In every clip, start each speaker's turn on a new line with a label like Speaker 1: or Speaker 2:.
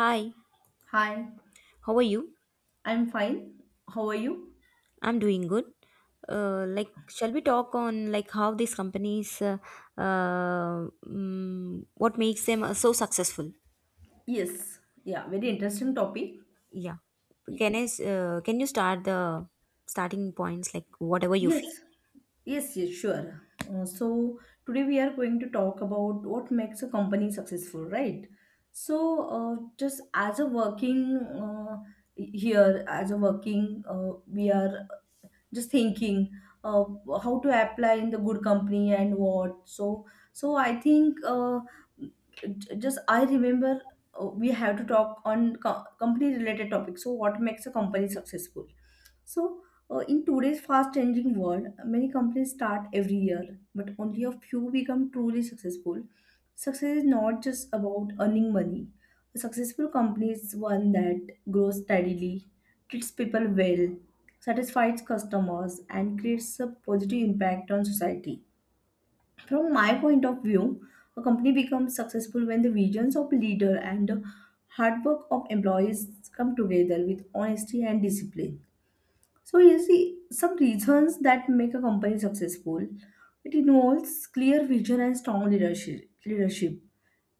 Speaker 1: Hi,
Speaker 2: Hi,
Speaker 1: how are you?
Speaker 2: I'm fine. How are you?
Speaker 1: I'm doing good. Shall we talk on how these companies, what makes them so successful?
Speaker 2: Yes, yeah, very interesting topic.
Speaker 1: Yeah.
Speaker 2: Y-
Speaker 1: Can you start the starting points, like whatever you feel?
Speaker 2: Yes, yes, sure. So today we are going to talk about what makes a company successful, right? So just as a working here, as a working, we are just thinking uh, how to apply in the good company and what. So I think j- just I remember we have to talk on company related topics. So what makes a company successful? So, in today's fast changing world, many companies start every year, but only a few become truly successful. Success is not just about earning money. A successful company is one that grows steadily, treats people well, satisfies customers, and creates a positive impact on society. From my point of view, a company becomes successful when the visions of leader and the hard work of employees come together with honesty and discipline. So you see, some reasons that make a company successful: it involves clear vision and strong leadership. Leadership.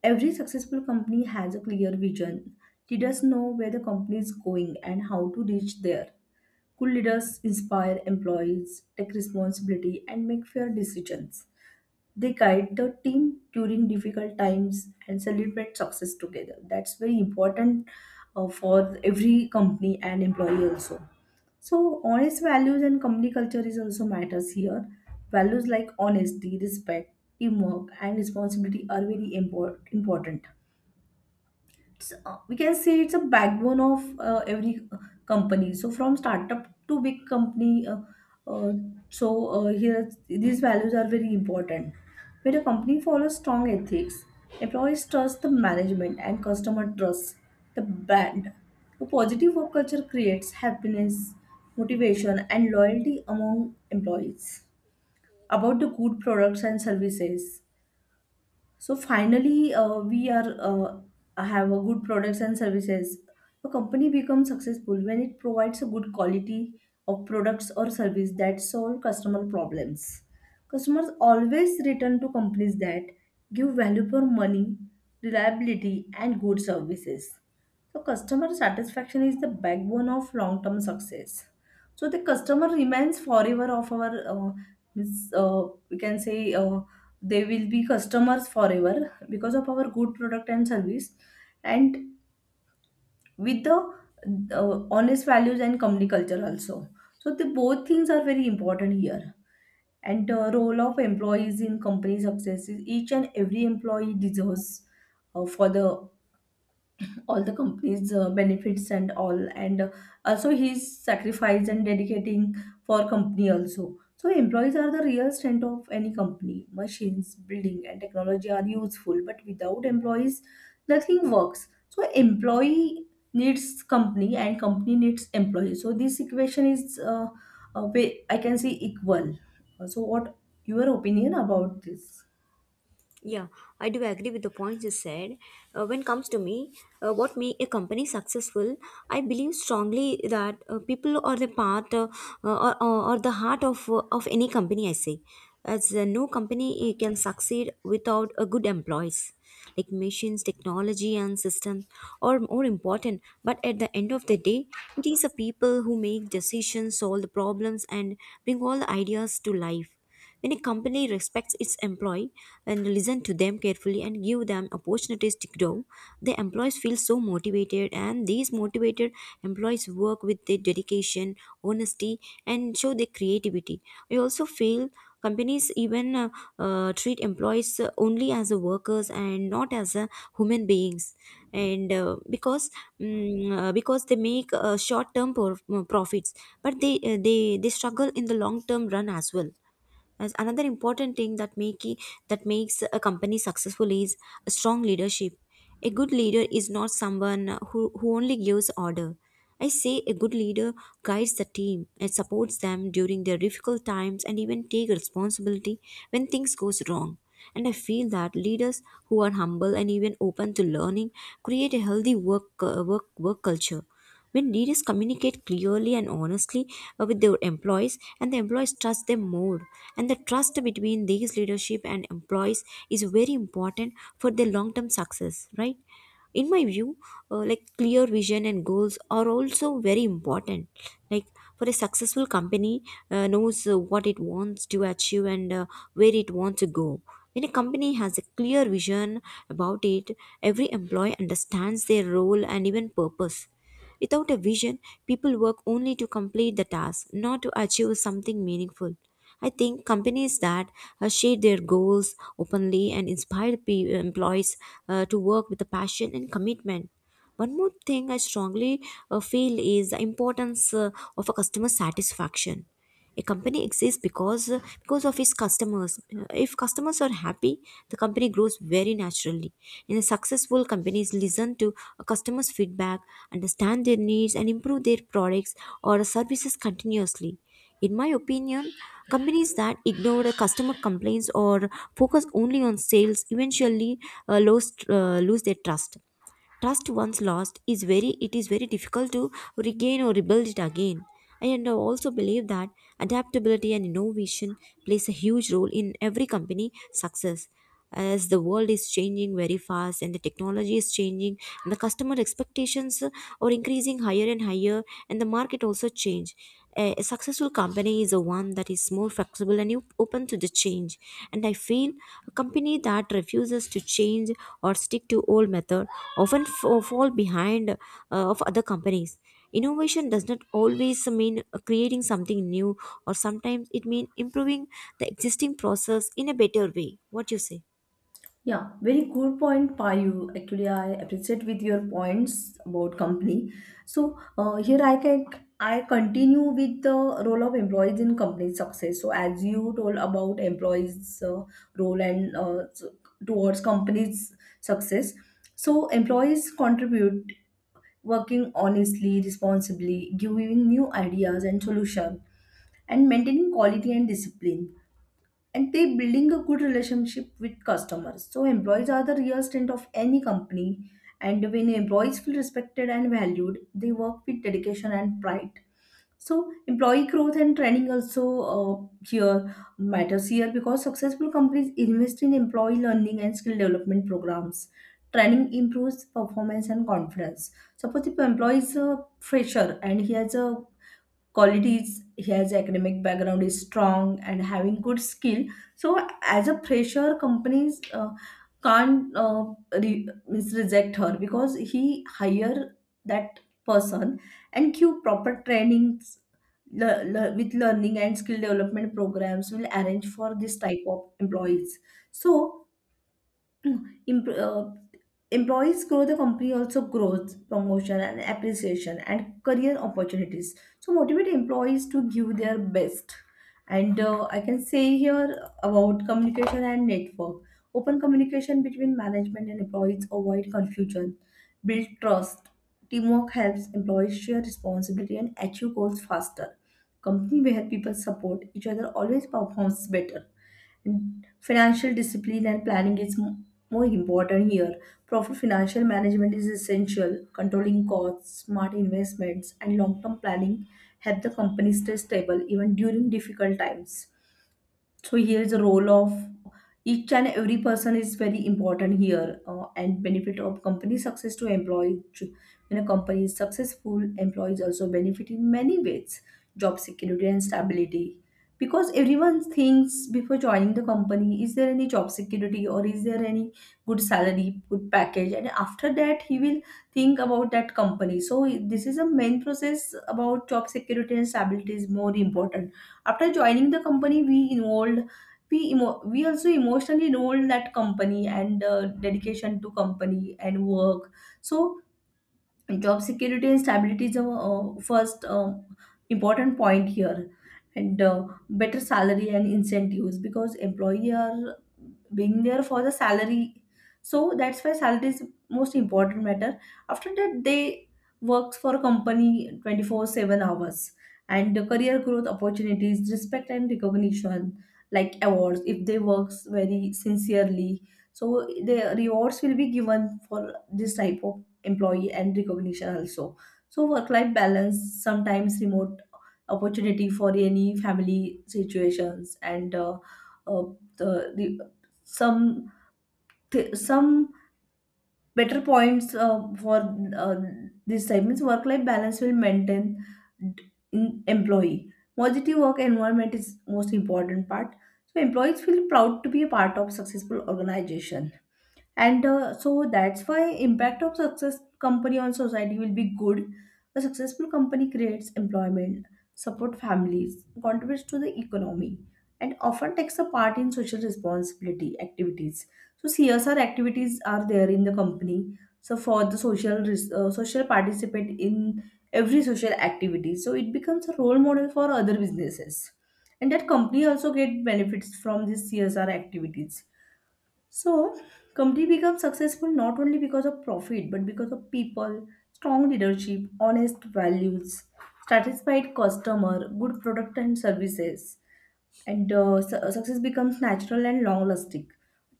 Speaker 2: Every successful company has a clear vision. Leaders know where the company is going and how to reach there. Good leaders inspire employees, take responsibility, and make fair decisions. They guide the team during difficult times and celebrate success together. That's very important for every company and employee also. So honest values and company culture is also matters here. Values like honesty, respect, teamwork, and responsibility are very important. It's we can say it's a backbone of every company, so from startup to big company, uh, so here these values are very important. When a company follows strong ethics, employees trust the management and customer trust the brand. A positive work culture creates happiness, motivation and loyalty among employees. About the good products and services, so finally, we are have a good products and services. A company becomes successful when it provides a good quality of products or service that solve customer problems. Customers always return to companies that give value for money, reliability, and good services. So customer satisfaction is the backbone of long-term success. So the customer remains forever of our, we can say. They will be customers forever because of our good product and service, and with the honest values and company culture also. So the both things are very important here. And the role of employees in company success is each and every employee deserves for the all the company's benefits and all, and also his sacrifice and dedicating for company also. So employees are the real strength of any company. Machines, building and technology are useful, but without employees nothing works. So employee needs company and company needs employee. So this equation is uh, I can say equal. So what your opinion about this?
Speaker 1: Yeah, I do agree with the points you said. When it comes to me, what make a company successful, I believe strongly that people are the part or the heart of any company, I say. As no company can succeed without a good employees. Like machines, technology, and systems are more important. But at the end of the day, it is the people who make decisions, solve the problems, and bring all the ideas to life when a company respects its employee and listen to them carefully and give them opportunities to grow, the employees feel so motivated, and these motivated employees work with their dedication, honesty, and show their creativity. I also feel companies even treat employees only as a workers and not as a human beings, and because they make short term profits, but they struggle in the long term run. As well as another important thing that that makes a company successful is a strong leadership. A good leader is not someone who only gives order. I say a good leader guides the team and supports them during their difficult times and even take responsibility when things goes wrong. And I feel that leaders who are humble and even open to learning create a healthy work culture. When leaders communicate clearly and honestly with their employees, and the employees trust them more, and the trust between these leadership and employees is very important for their long-term success, right? In my view, clear vision and goals are also very important, like for a successful company knows what it wants to achieve and where it wants to go when a company has a clear vision about it, every employee understands their role and even purpose. Without a vision, people work only to complete the task, not to achieve something meaningful. I think companies that share their goals openly and inspire employees to work with a passion and commitment. One more thing I strongly feel is the importance of a customer satisfaction. A company exists because of its customers. If customers are happy, the company grows very naturally. In a successful companies listen to a customers feedback, understand their needs, and improve their products or services continuously. In my opinion, companies that ignore the customer complaints or focus only on sales eventually lose their trust. Trust once lost is very, it is very difficult to regain or rebuild it again. And I also believe that adaptability and innovation plays a huge role in every company success. As the world is changing very fast, and the technology is changing, and the customer expectations are increasing higher and higher, and the market also change, a successful company is a one that is more flexible and open to the change. And I feel a company that refuses to change or stick to old method often fall behind of other companies. Innovation does not always mean creating something new, or sometimes it means improving the existing process in a better way. What you say?
Speaker 2: Yeah, very good point, Payu. Actually, I appreciate with your points about company. So here I continue with the role of employees in company success. So as you told about employees' role towards company's success, so employees contribute working honestly, responsibly, giving new ideas and solution, and maintaining quality and discipline, and they building a good relationship with customers. So employees are the real strength of any company, and when employees feel respected and valued they work with dedication and pride. So employee growth and training also, uh, here matters here, because successful companies invest in employee learning and skill development programs. Training improves performance and confidence. Suppose if employee is a fresher and he has a qualities, he has academic background is strong and having good skill, so as a fresher companies can't means reject her because he hire that person and give proper trainings with learning and skill development programs will arrange for this type of employees. So Em- uh, employees grow, the company also grows, promotion and appreciation and career opportunities. So motivate employees to give their best. And I can say here about communication and network. Open communication between management and employees avoid confusion, build trust. Teamwork helps employees share responsibility and achieve goals faster. Company where people support each other always performs better. Financial discipline and planning is more important here. Proper financial management is essential. Controlling costs, smart investments, and long term planning help the company stay stable even during difficult times. So here's the role of each and every person is very important here. And benefit of company success to employee: when a company is successful, employees also benefit in many ways. Job security and stability, because everyone thinks before joining the company, is there any job security, or is there any good salary, good package, and after that he will think about that company. So this is a main process. About job security and stability is more important. After joining the company, we also emotionally involved that company, and dedication to company and work. So job security and stability is the first important point here. And better salary and incentives, because employee are being there for the salary. So that's why salary is most important matter. After that they works for a company 24/7 hours, and the career growth opportunities, respect and recognition, like awards if they works very sincerely. So the rewards will be given for this type of employee, and recognition also. So work life balance, sometimes remote opportunity for any family situations, and uh, the, the some some better points for uh, this time means work life balance will maintain. In employee positive work environment is most important part. So employees feel proud to be a part of successful organization. And so that's why impact of success company on society will be good. A successful company creates employment, support families, contributes to the economy, and often takes a part in social responsibility activities. So CSR activities are there in the company. So for the social social participate in every social activity, so it becomes a role model for other businesses, and that company also get benefits from these CSR activities. So, company becomes successful not only because of profit, but because of people, strong leadership, honest values, satisfied customer, good product and services, and success becomes natural and long-lasting.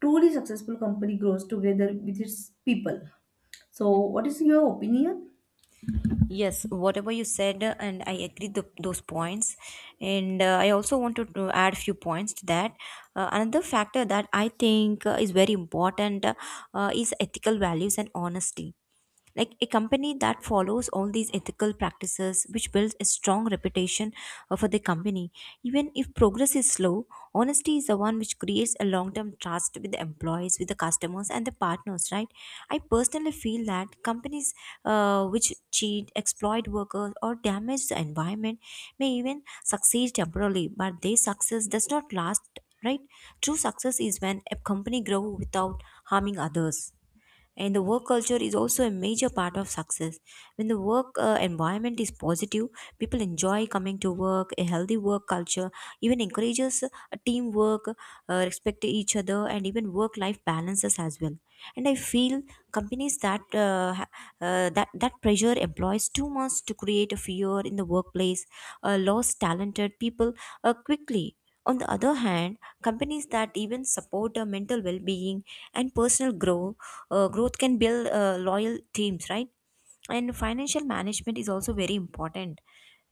Speaker 2: Truly successful company grows together with its people. So, what is your opinion?
Speaker 1: Yes, whatever you said, and I agree the, those points. And I also wanted to add a few points to that. Another factor that I think is very important, is ethical values and honesty, like a company that follows all these ethical practices which builds a strong reputation for the company. Even if progress is slow, honesty is the one which creates a long term trust with the employees, with the customers and the partners, right? I personally feel that companies which cheat, exploit workers, or damage the environment may even succeed temporarily, but their success does not last, right? True success is when a company grows without harming others. And the work culture is also a major part of success. When the work environment is positive, people enjoy coming to work. A healthy work culture even encourages teamwork, respect each other, and even work life balances as well. And I feel companies that ha- that that pressure employs too much to create a fear in the workplace lost talented people quickly. On the other hand, companies that even support mental well-being and personal growth can build loyal teams, right? And financial management is also very important,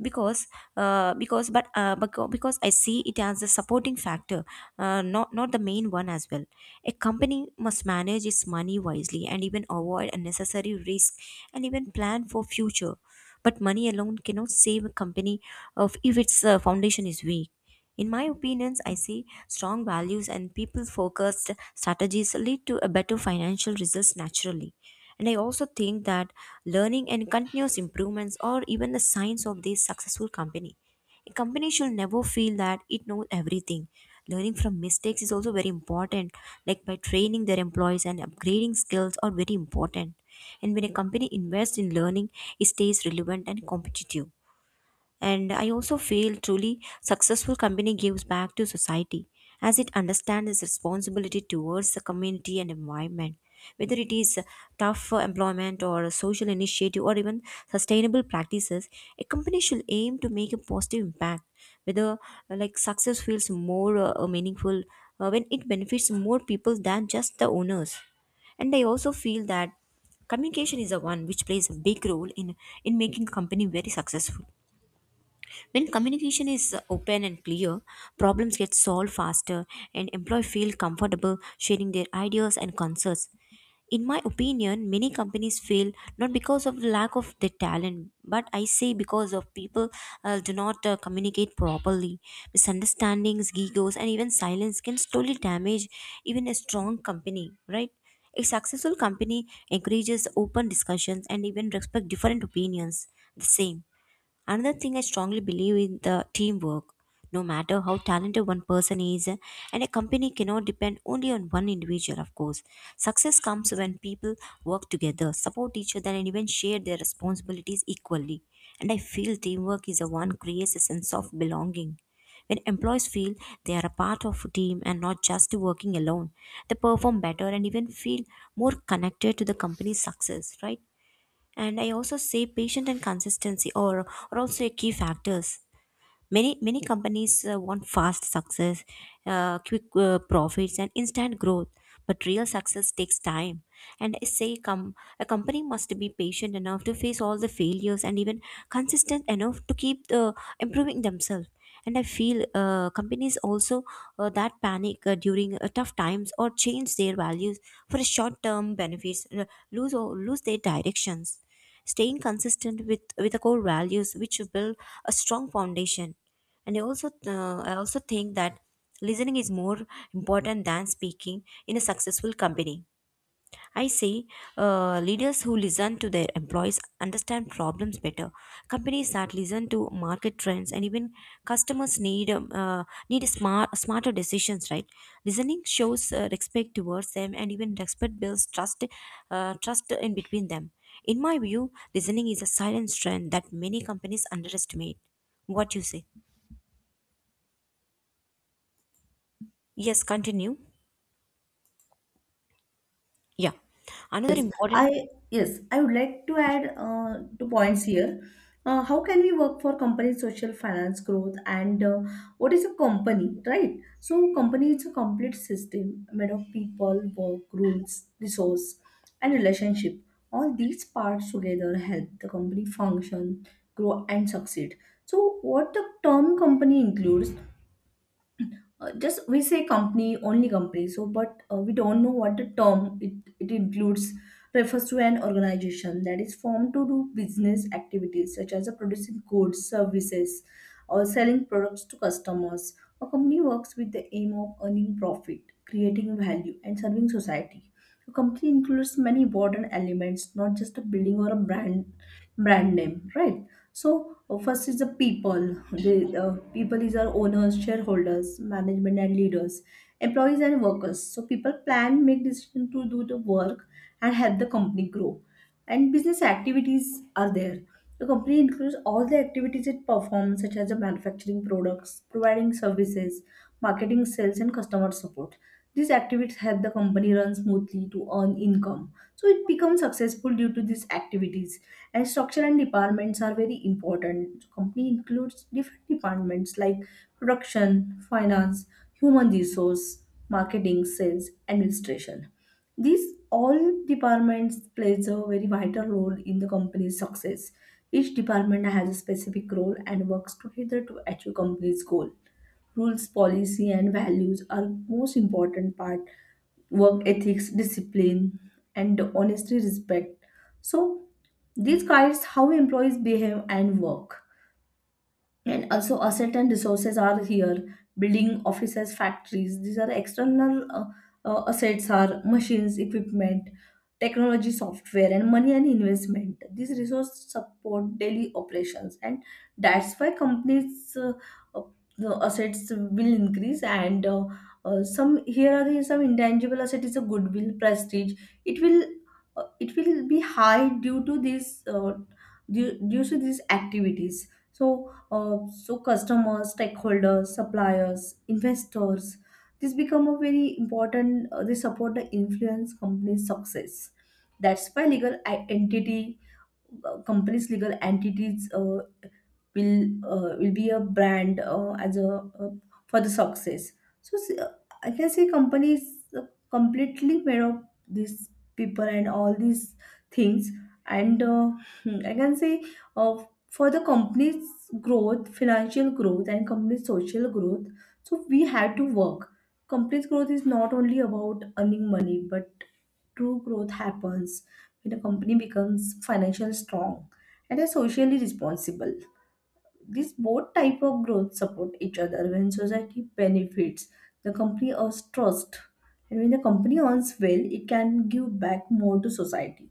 Speaker 1: because because I see it as a supporting factor, not the main one as well. A company must manage its money wisely and even avoid unnecessary risk and even plan for future. But money alone cannot save a company of if its foundation is weak. In my opinions, I see strong values and people focused strategies lead to a better financial results naturally. And I also think that learning and continuous improvements are even the signs of this successful company. A company should never feel that it knows everything. Learning from mistakes is also very important, like by training their employees and upgrading skills are very important. And when a company invests in learning, it stays relevant and competitive. And I also feel truly successful company gives back to society as it understands its responsibility towards the community and environment. Whether it is tough employment or social initiative or even sustainable practices, a company should aim to make a positive impact. Whether success feels more meaningful when it benefits more people than just the owners. And I also feel that communication is the one which plays a big role in making company very successful. When communication is open and clear, problems get solved faster, and employees feel comfortable sharing their ideas and concerns. In my opinion, many companies fail not because of lack of their talent, but I say because of people do not communicate properly. Misunderstandings, egos, and even silence can slowly damage even a strong company, right? A successful company encourages open discussions and even respect different opinions the same. Another thing I strongly believe in the teamwork. No matter how talented one person is, and a company cannot depend only on one individual, of course. Success comes when people work together, support each other, and even share their responsibilities equally. And I feel teamwork is the one creates a sense of belonging. When employees feel they are a part of a team and not just working alone, they perform better and even feel more connected to the company's success, right? And I also say patient and consistency or are also a key factors. Many many companies want fast success, quick profits, and instant growth. But real success takes time. And I say a company must be patient enough to face all the failures and even consistent enough to keep improving themselves. And I feel companies also that panic during tough times or change their values for a short term benefits lose their directions. Staying consistent with the core values which build a strong foundation. And I also think that listening is more important than speaking in a successful company. I say leaders who listen to their employees understand problems better. Companies that listen to market trends and even customers need need smarter decisions. Right, listening shows respect towards them, and even respect builds trust in between them. In my view, listening is a silent strength that many companies underestimate. What you say? Yes, continue. Yeah, another
Speaker 2: Yes,
Speaker 1: important.
Speaker 2: I yes, I would like to add two points here. How can we work for company social finance growth, and what is a company, right? So company is a complete system made of people, work, rules, resource, and relationship. All these parts together help the company function, grow, and succeed. So what the term company includes, just we say company, only company, so but we don't know what the term it includes. Refers to an organization that is formed to do business activities such as producing goods, services, or selling products to customers. A company works with the aim of earning profit, creating value and serving society. A company includes many important elements, not just a building or a brand name, right? So first is the people. The people is our owners, shareholders, management, and leaders, employees and workers. So people plan, make decision to do the work and help the company grow. And business activities are there. The company includes all the activities it performs, such as the manufacturing products, providing services, marketing, sales, and customer support. These activities help the company run smoothly to earn income, so it becomes successful due to these activities. And structure and departments are very important. So, company includes different departments like production, finance, human resource, marketing, sales, administration. These all departments plays a very vital role in the company's success. Each department has a specific role and works together to achieve company's goal. Rules, policy and values are most important part, work ethics, discipline and honestly respect. So, these guides how employees behave and work. And also asset and resources are here: building, offices, factories. These are external assets are machines, equipment, technology, software and money and investment. These resources support daily operations, and that's why companies uh, the assets will increase. And some here are some intangible asset is a goodwill, prestige. It will it will be high due to this due, due to these activities. So uh, so customers, stakeholders, suppliers, investors, this become a very important. They support the influence company's success. That's why legal entity, companies, legal entities, will will be a brand as a for the success. So s- uh, I can say companies completely made of these people and all these things, and I can say uh, for the company's growth, financial growth, and company's social growth. So we have to work. Company's growth is not only about earning money, but true growth happens when a company becomes financially strong and is socially responsible. These both type of growth support each other. When society benefits, the company earns trust, and when the company earns well, it can give back more to society.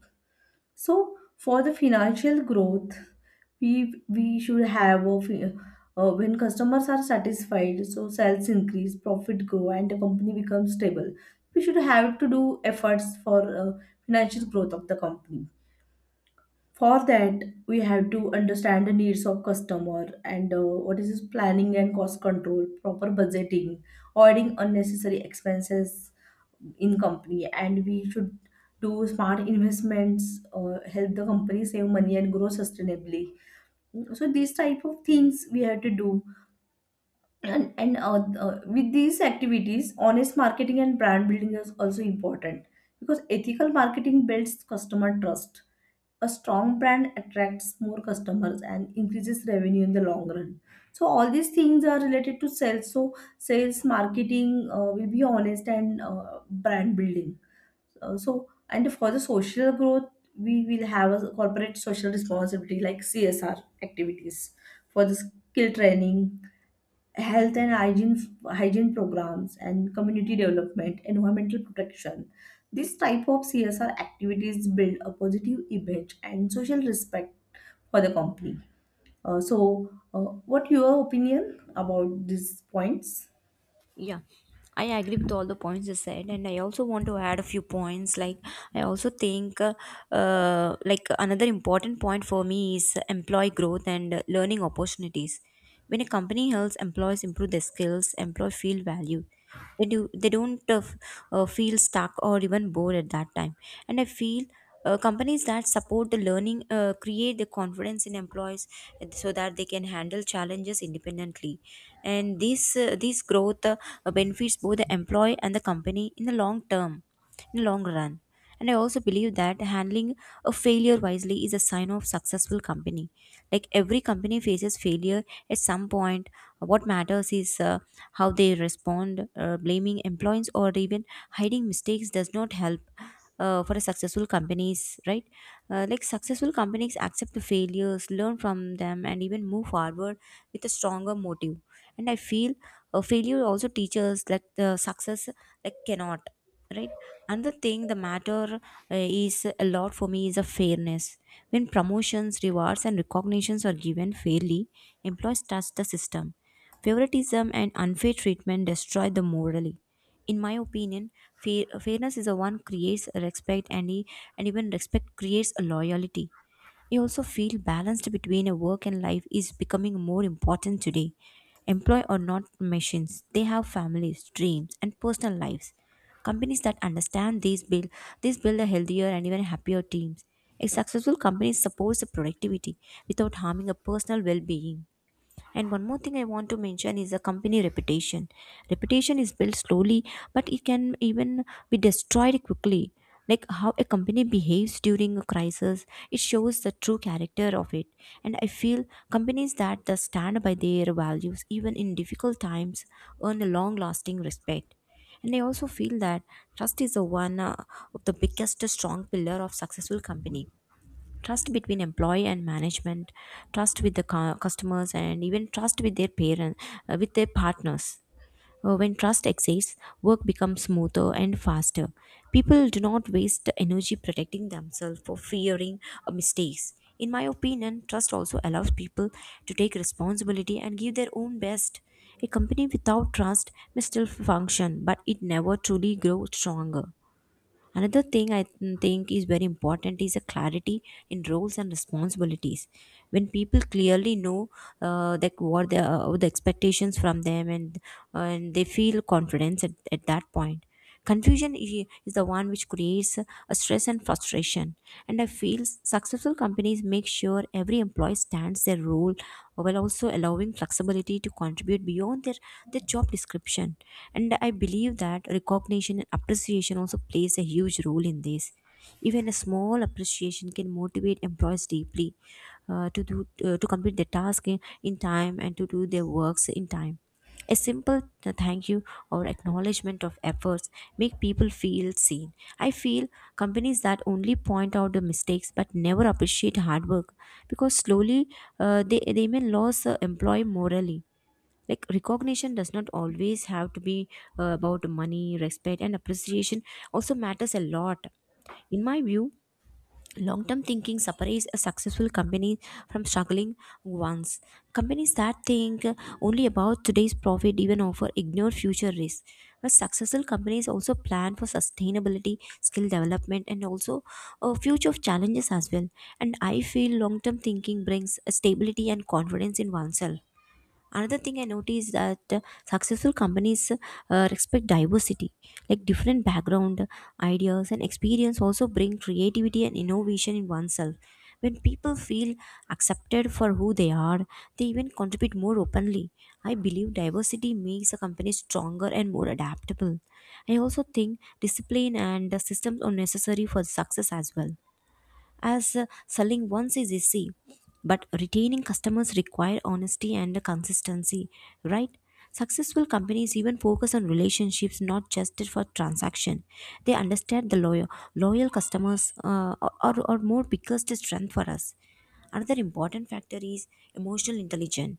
Speaker 2: So, for the financial growth, we should have a fi- when customers are satisfied, so sales increase, profit grow, and the company becomes stable. We should have to do efforts for financial growth of the company. For that, we have to understand the needs of customer and what is his planning and cost control, proper budgeting, avoiding unnecessary expenses in company, and we should do smart investments, help the company save money and grow sustainably. So these type of things we have to do, and with these activities honest marketing and brand building is also important, because ethical marketing builds customer trust. A strong brand attracts more customers and increases revenue in the long run. So all these things are related to sales, so sales marketing will be honest and brand building. So, and for the social growth, we will have a corporate social responsibility, like CSR activities for the skill training, health and hygiene, hygiene programs, and community development, environmental protection. This type of CSR activities build a positive image and social respect for the company. Uh, so what your opinion about these points?
Speaker 1: Yeah, I agree with all the points you said, and I also want to add a few points. Like, I also think, another important point for me is employee growth and learning opportunities. When a company helps employees improve their skills, employees feel valued. They do they don't uh, f- uh, feel stuck or even bored at that time. And I feel companies that support the learning create the confidence in employees, so that they can handle challenges independently. And this growth benefits both the employee and the company in the long term, in the long run. And I also believe that handling a failure wisely is a sign of successful company. Like every company faces failure at some point. What matters is how they respond. Blaming employees or even hiding mistakes does not help for a successful companies, right? Like successful companies accept the failures, learn from them, and even move forward with a stronger motive. And I feel failure also teaches, like the success like cannot, right? Another thing the matter is a lot for me is a fairness. When promotions, rewards, and recognitions are given fairly, employees trust the system. Favoritism and unfair treatment destroy the morally, in my opinion. Fairness is the one creates respect, and even respect creates a loyalty. I also feel balanced between a work and life is becoming more important today. Employ or not machines, they have families, dreams, and personal lives. Companies that understand these build a healthier and even happier teams. A successful company supports the productivity without harming a personal well-being. And one more thing I want to mention is a company reputation. Reputation is built slowly, but it can even be destroyed quickly. Like how a company behaves during a crisis, it shows the true character of it. And I feel companies that the stand by their values, even in difficult times, earn a long lasting respect. And I also feel that trust is the one, of the biggest, strong pillar of successful company. Trust between employee and management, trust with the customers, and even trust with their parents, with their partners. When trust exists, work becomes smoother and faster. People do not waste energy protecting themselves for fearing mistakes. In my opinion, trust also allows people to take responsibility and give their own best. A company without trust may still function, but it never truly grows stronger. Another thing I think is very important is a clarity in roles and responsibilities. When people clearly know that what the expectations from them, and they feel confidence at that point. Confusion is the one which creates a stress and frustration. And I feel successful companies make sure ensure every employee stands their role, while also allowing flexibility to contribute beyond their job description. And I believe that recognition and appreciation also plays a huge role in this. Even a small appreciation can motivate employees deeply, to do to complete their task in time, and to do their works in time. A simple thank you or acknowledgement of efforts make people feel seen. I feel companies that only point out the mistakes but never appreciate hard work, because slowly they may lose employee morally. Like recognition does not always have to be about money. Respect and appreciation also matters a lot, in my view. Long term thinking separates a successful company from struggling ones. Companies that think only about today's profit even offer ignore future risks. But successful companies also plan for sustainability, skill development, and also future challenges as well. And I feel long term thinking brings stability and confidence in oneself. Another thing I noticed is that successful companies respect diversity. Like different background, ideas, and experience also bring creativity and innovation in oneself. When people feel accepted for who they are, they even contribute more openly. I believe diversity makes a company stronger and more adaptable. I also think discipline and systems are necessary for success as well, as selling once is easy, but retaining customers require honesty and consistency, right? Successful companies even focus on relationships, not just for transaction. They understand the loyal customers are more biggest strength for us. Another important factor is emotional intelligence.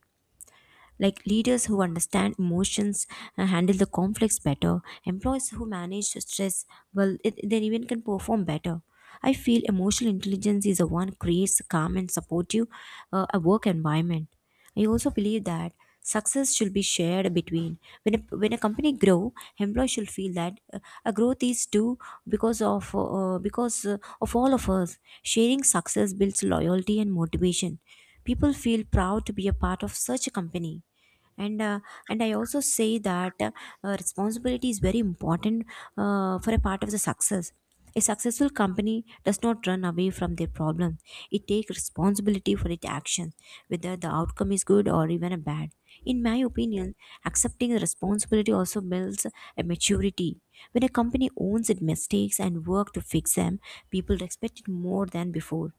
Speaker 1: Like leaders who understand emotions and handle the conflicts better, employees who manage stress well, they even can perform better. I feel emotional intelligence is the one creates a calm and supportive a work environment. I also believe that success should be shared between when a company grow, employees should feel that a growth is due because of all of us. Sharing success builds loyalty and motivation. People feel proud to be a part of such a company. And uh, and I also say that responsibility is very important for a part of the success. A successful company does not run away from their problem. It takes responsibility for its actions, whether the outcome is good or even a bad. In my opinion, accepting the responsibility also builds a maturity. When a company owns its mistakes and work to fix them, people respect it more than before.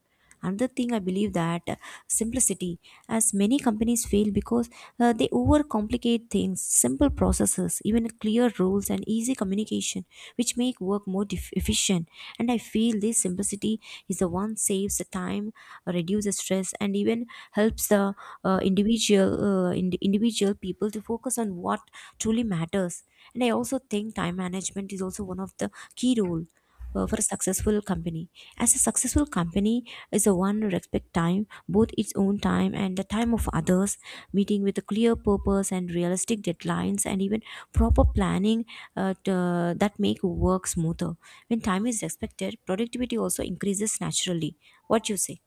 Speaker 1: Another thing I believe that simplicity, as many companies fail because they overcomplicate things. Simple processes, even clear rules, and easy communication, which make work more efficient. And I feel this simplicity is the one saves the time, reduces stress, and even helps the individual people to focus on what truly matters. And I also think time management is also one of the key role for a successful company, as a successful company is the one who respect time, both its own time and the time of others. Meeting with a clear purpose and realistic deadlines, and even proper planning that make work smoother. When time is respected, productivity also increases naturally. What you say?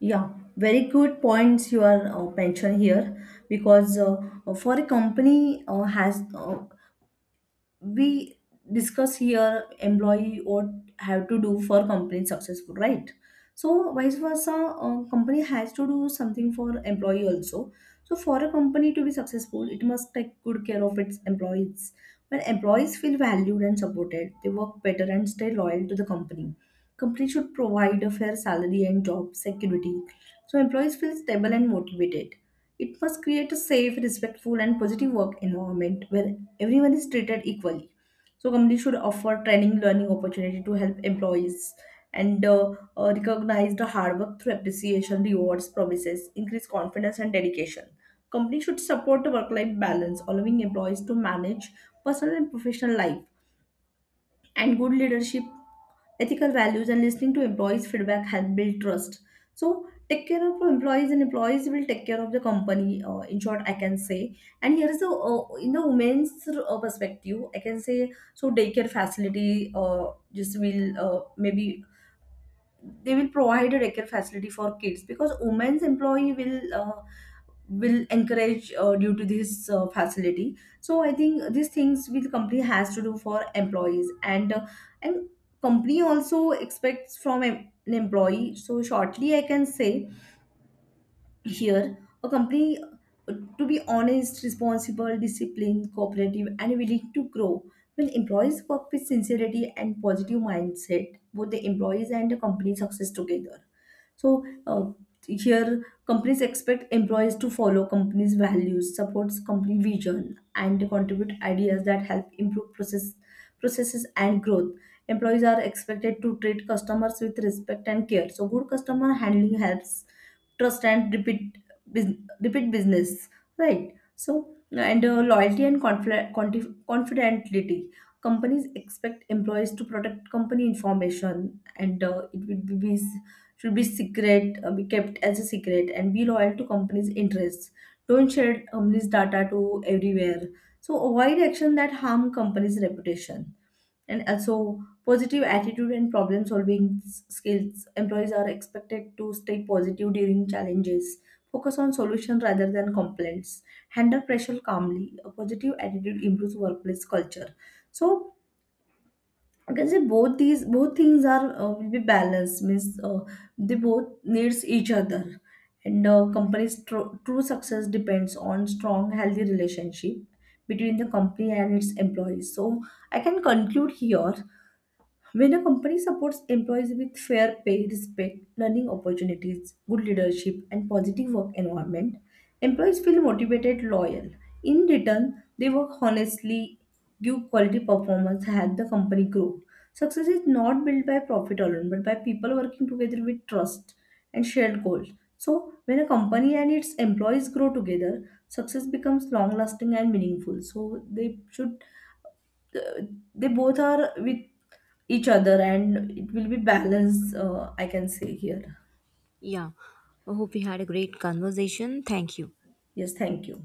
Speaker 2: Yeah, very good points you are mentioned here, because for a company has we discuss here employee what have to do for company successful, right? So vice versa, company has to do something for employee also. So, for a company to be successful, it must take good care of its employees. When employees feel valued and supported, they work better and stay loyal to the company. Company should provide a fair salary and job security, so employees feel stable and motivated. It must create a safe, respectful, and positive work environment where everyone is treated equally. So companies should offer training, learning opportunity to help employees, and recognize the hard work through appreciation, rewards, promises, increase confidence and dedication. Companies should support a work life balance, allowing employees to manage personal and professional life. And good leadership, ethical values, and listening to employees' feedback help build trust. So, take care of your employees, and employees will take care of the company. In short, I can say. And here is the in the women's perspective, I can say. So daycare facility, just will maybe they will provide a daycare facility for kids, because women's employee will encourage due to this facility. So I think these things will company has to do for employees, and and company also expects from an employee. So shortly I can say here, a company to be honest, responsible, disciplined, cooperative, and willing to grow. When employees work with sincerity and positive mindset, both the employees and the company success together. So here, companies expect employees to follow companies' values, supports company vision, and contribute ideas that help improve processes and growth. Employees are expected to treat customers with respect and care. So good customer handling helps trust and repeat business, right? So and loyalty and confidentiality. Companies expect employees to protect company information, and it will be should be secret, be kept as a secret, and be loyal to company's interests. Don't share company's data to everywhere. So avoid action that harm company's reputation. And also positive attitude and problem solving skills. Employees are expected to stay positive during challenges. Focus on solution rather than complaints. Handle pressure calmly. A positive attitude improves workplace culture. So I can say both things are will be balanced, means they both needs each other, and company's true success depends on strong healthy relationship between the company and its employees. So I can conclude here, when a company supports employees with fair pay, respect, learning opportunities, good leadership, and positive work environment, employees feel motivated, loyal. In return, they work honestly, give quality performance, help the company grow. Success is not built by profit alone, but by people working together with trust and shared goals. So, when a company and its employees grow together, success becomes long lasting and meaningful. So, they should uh, they both are with each other and it will be balanced, I can say here.
Speaker 1: Yeah, I hope we had a great conversation. Thank you.
Speaker 2: Yes, thank you.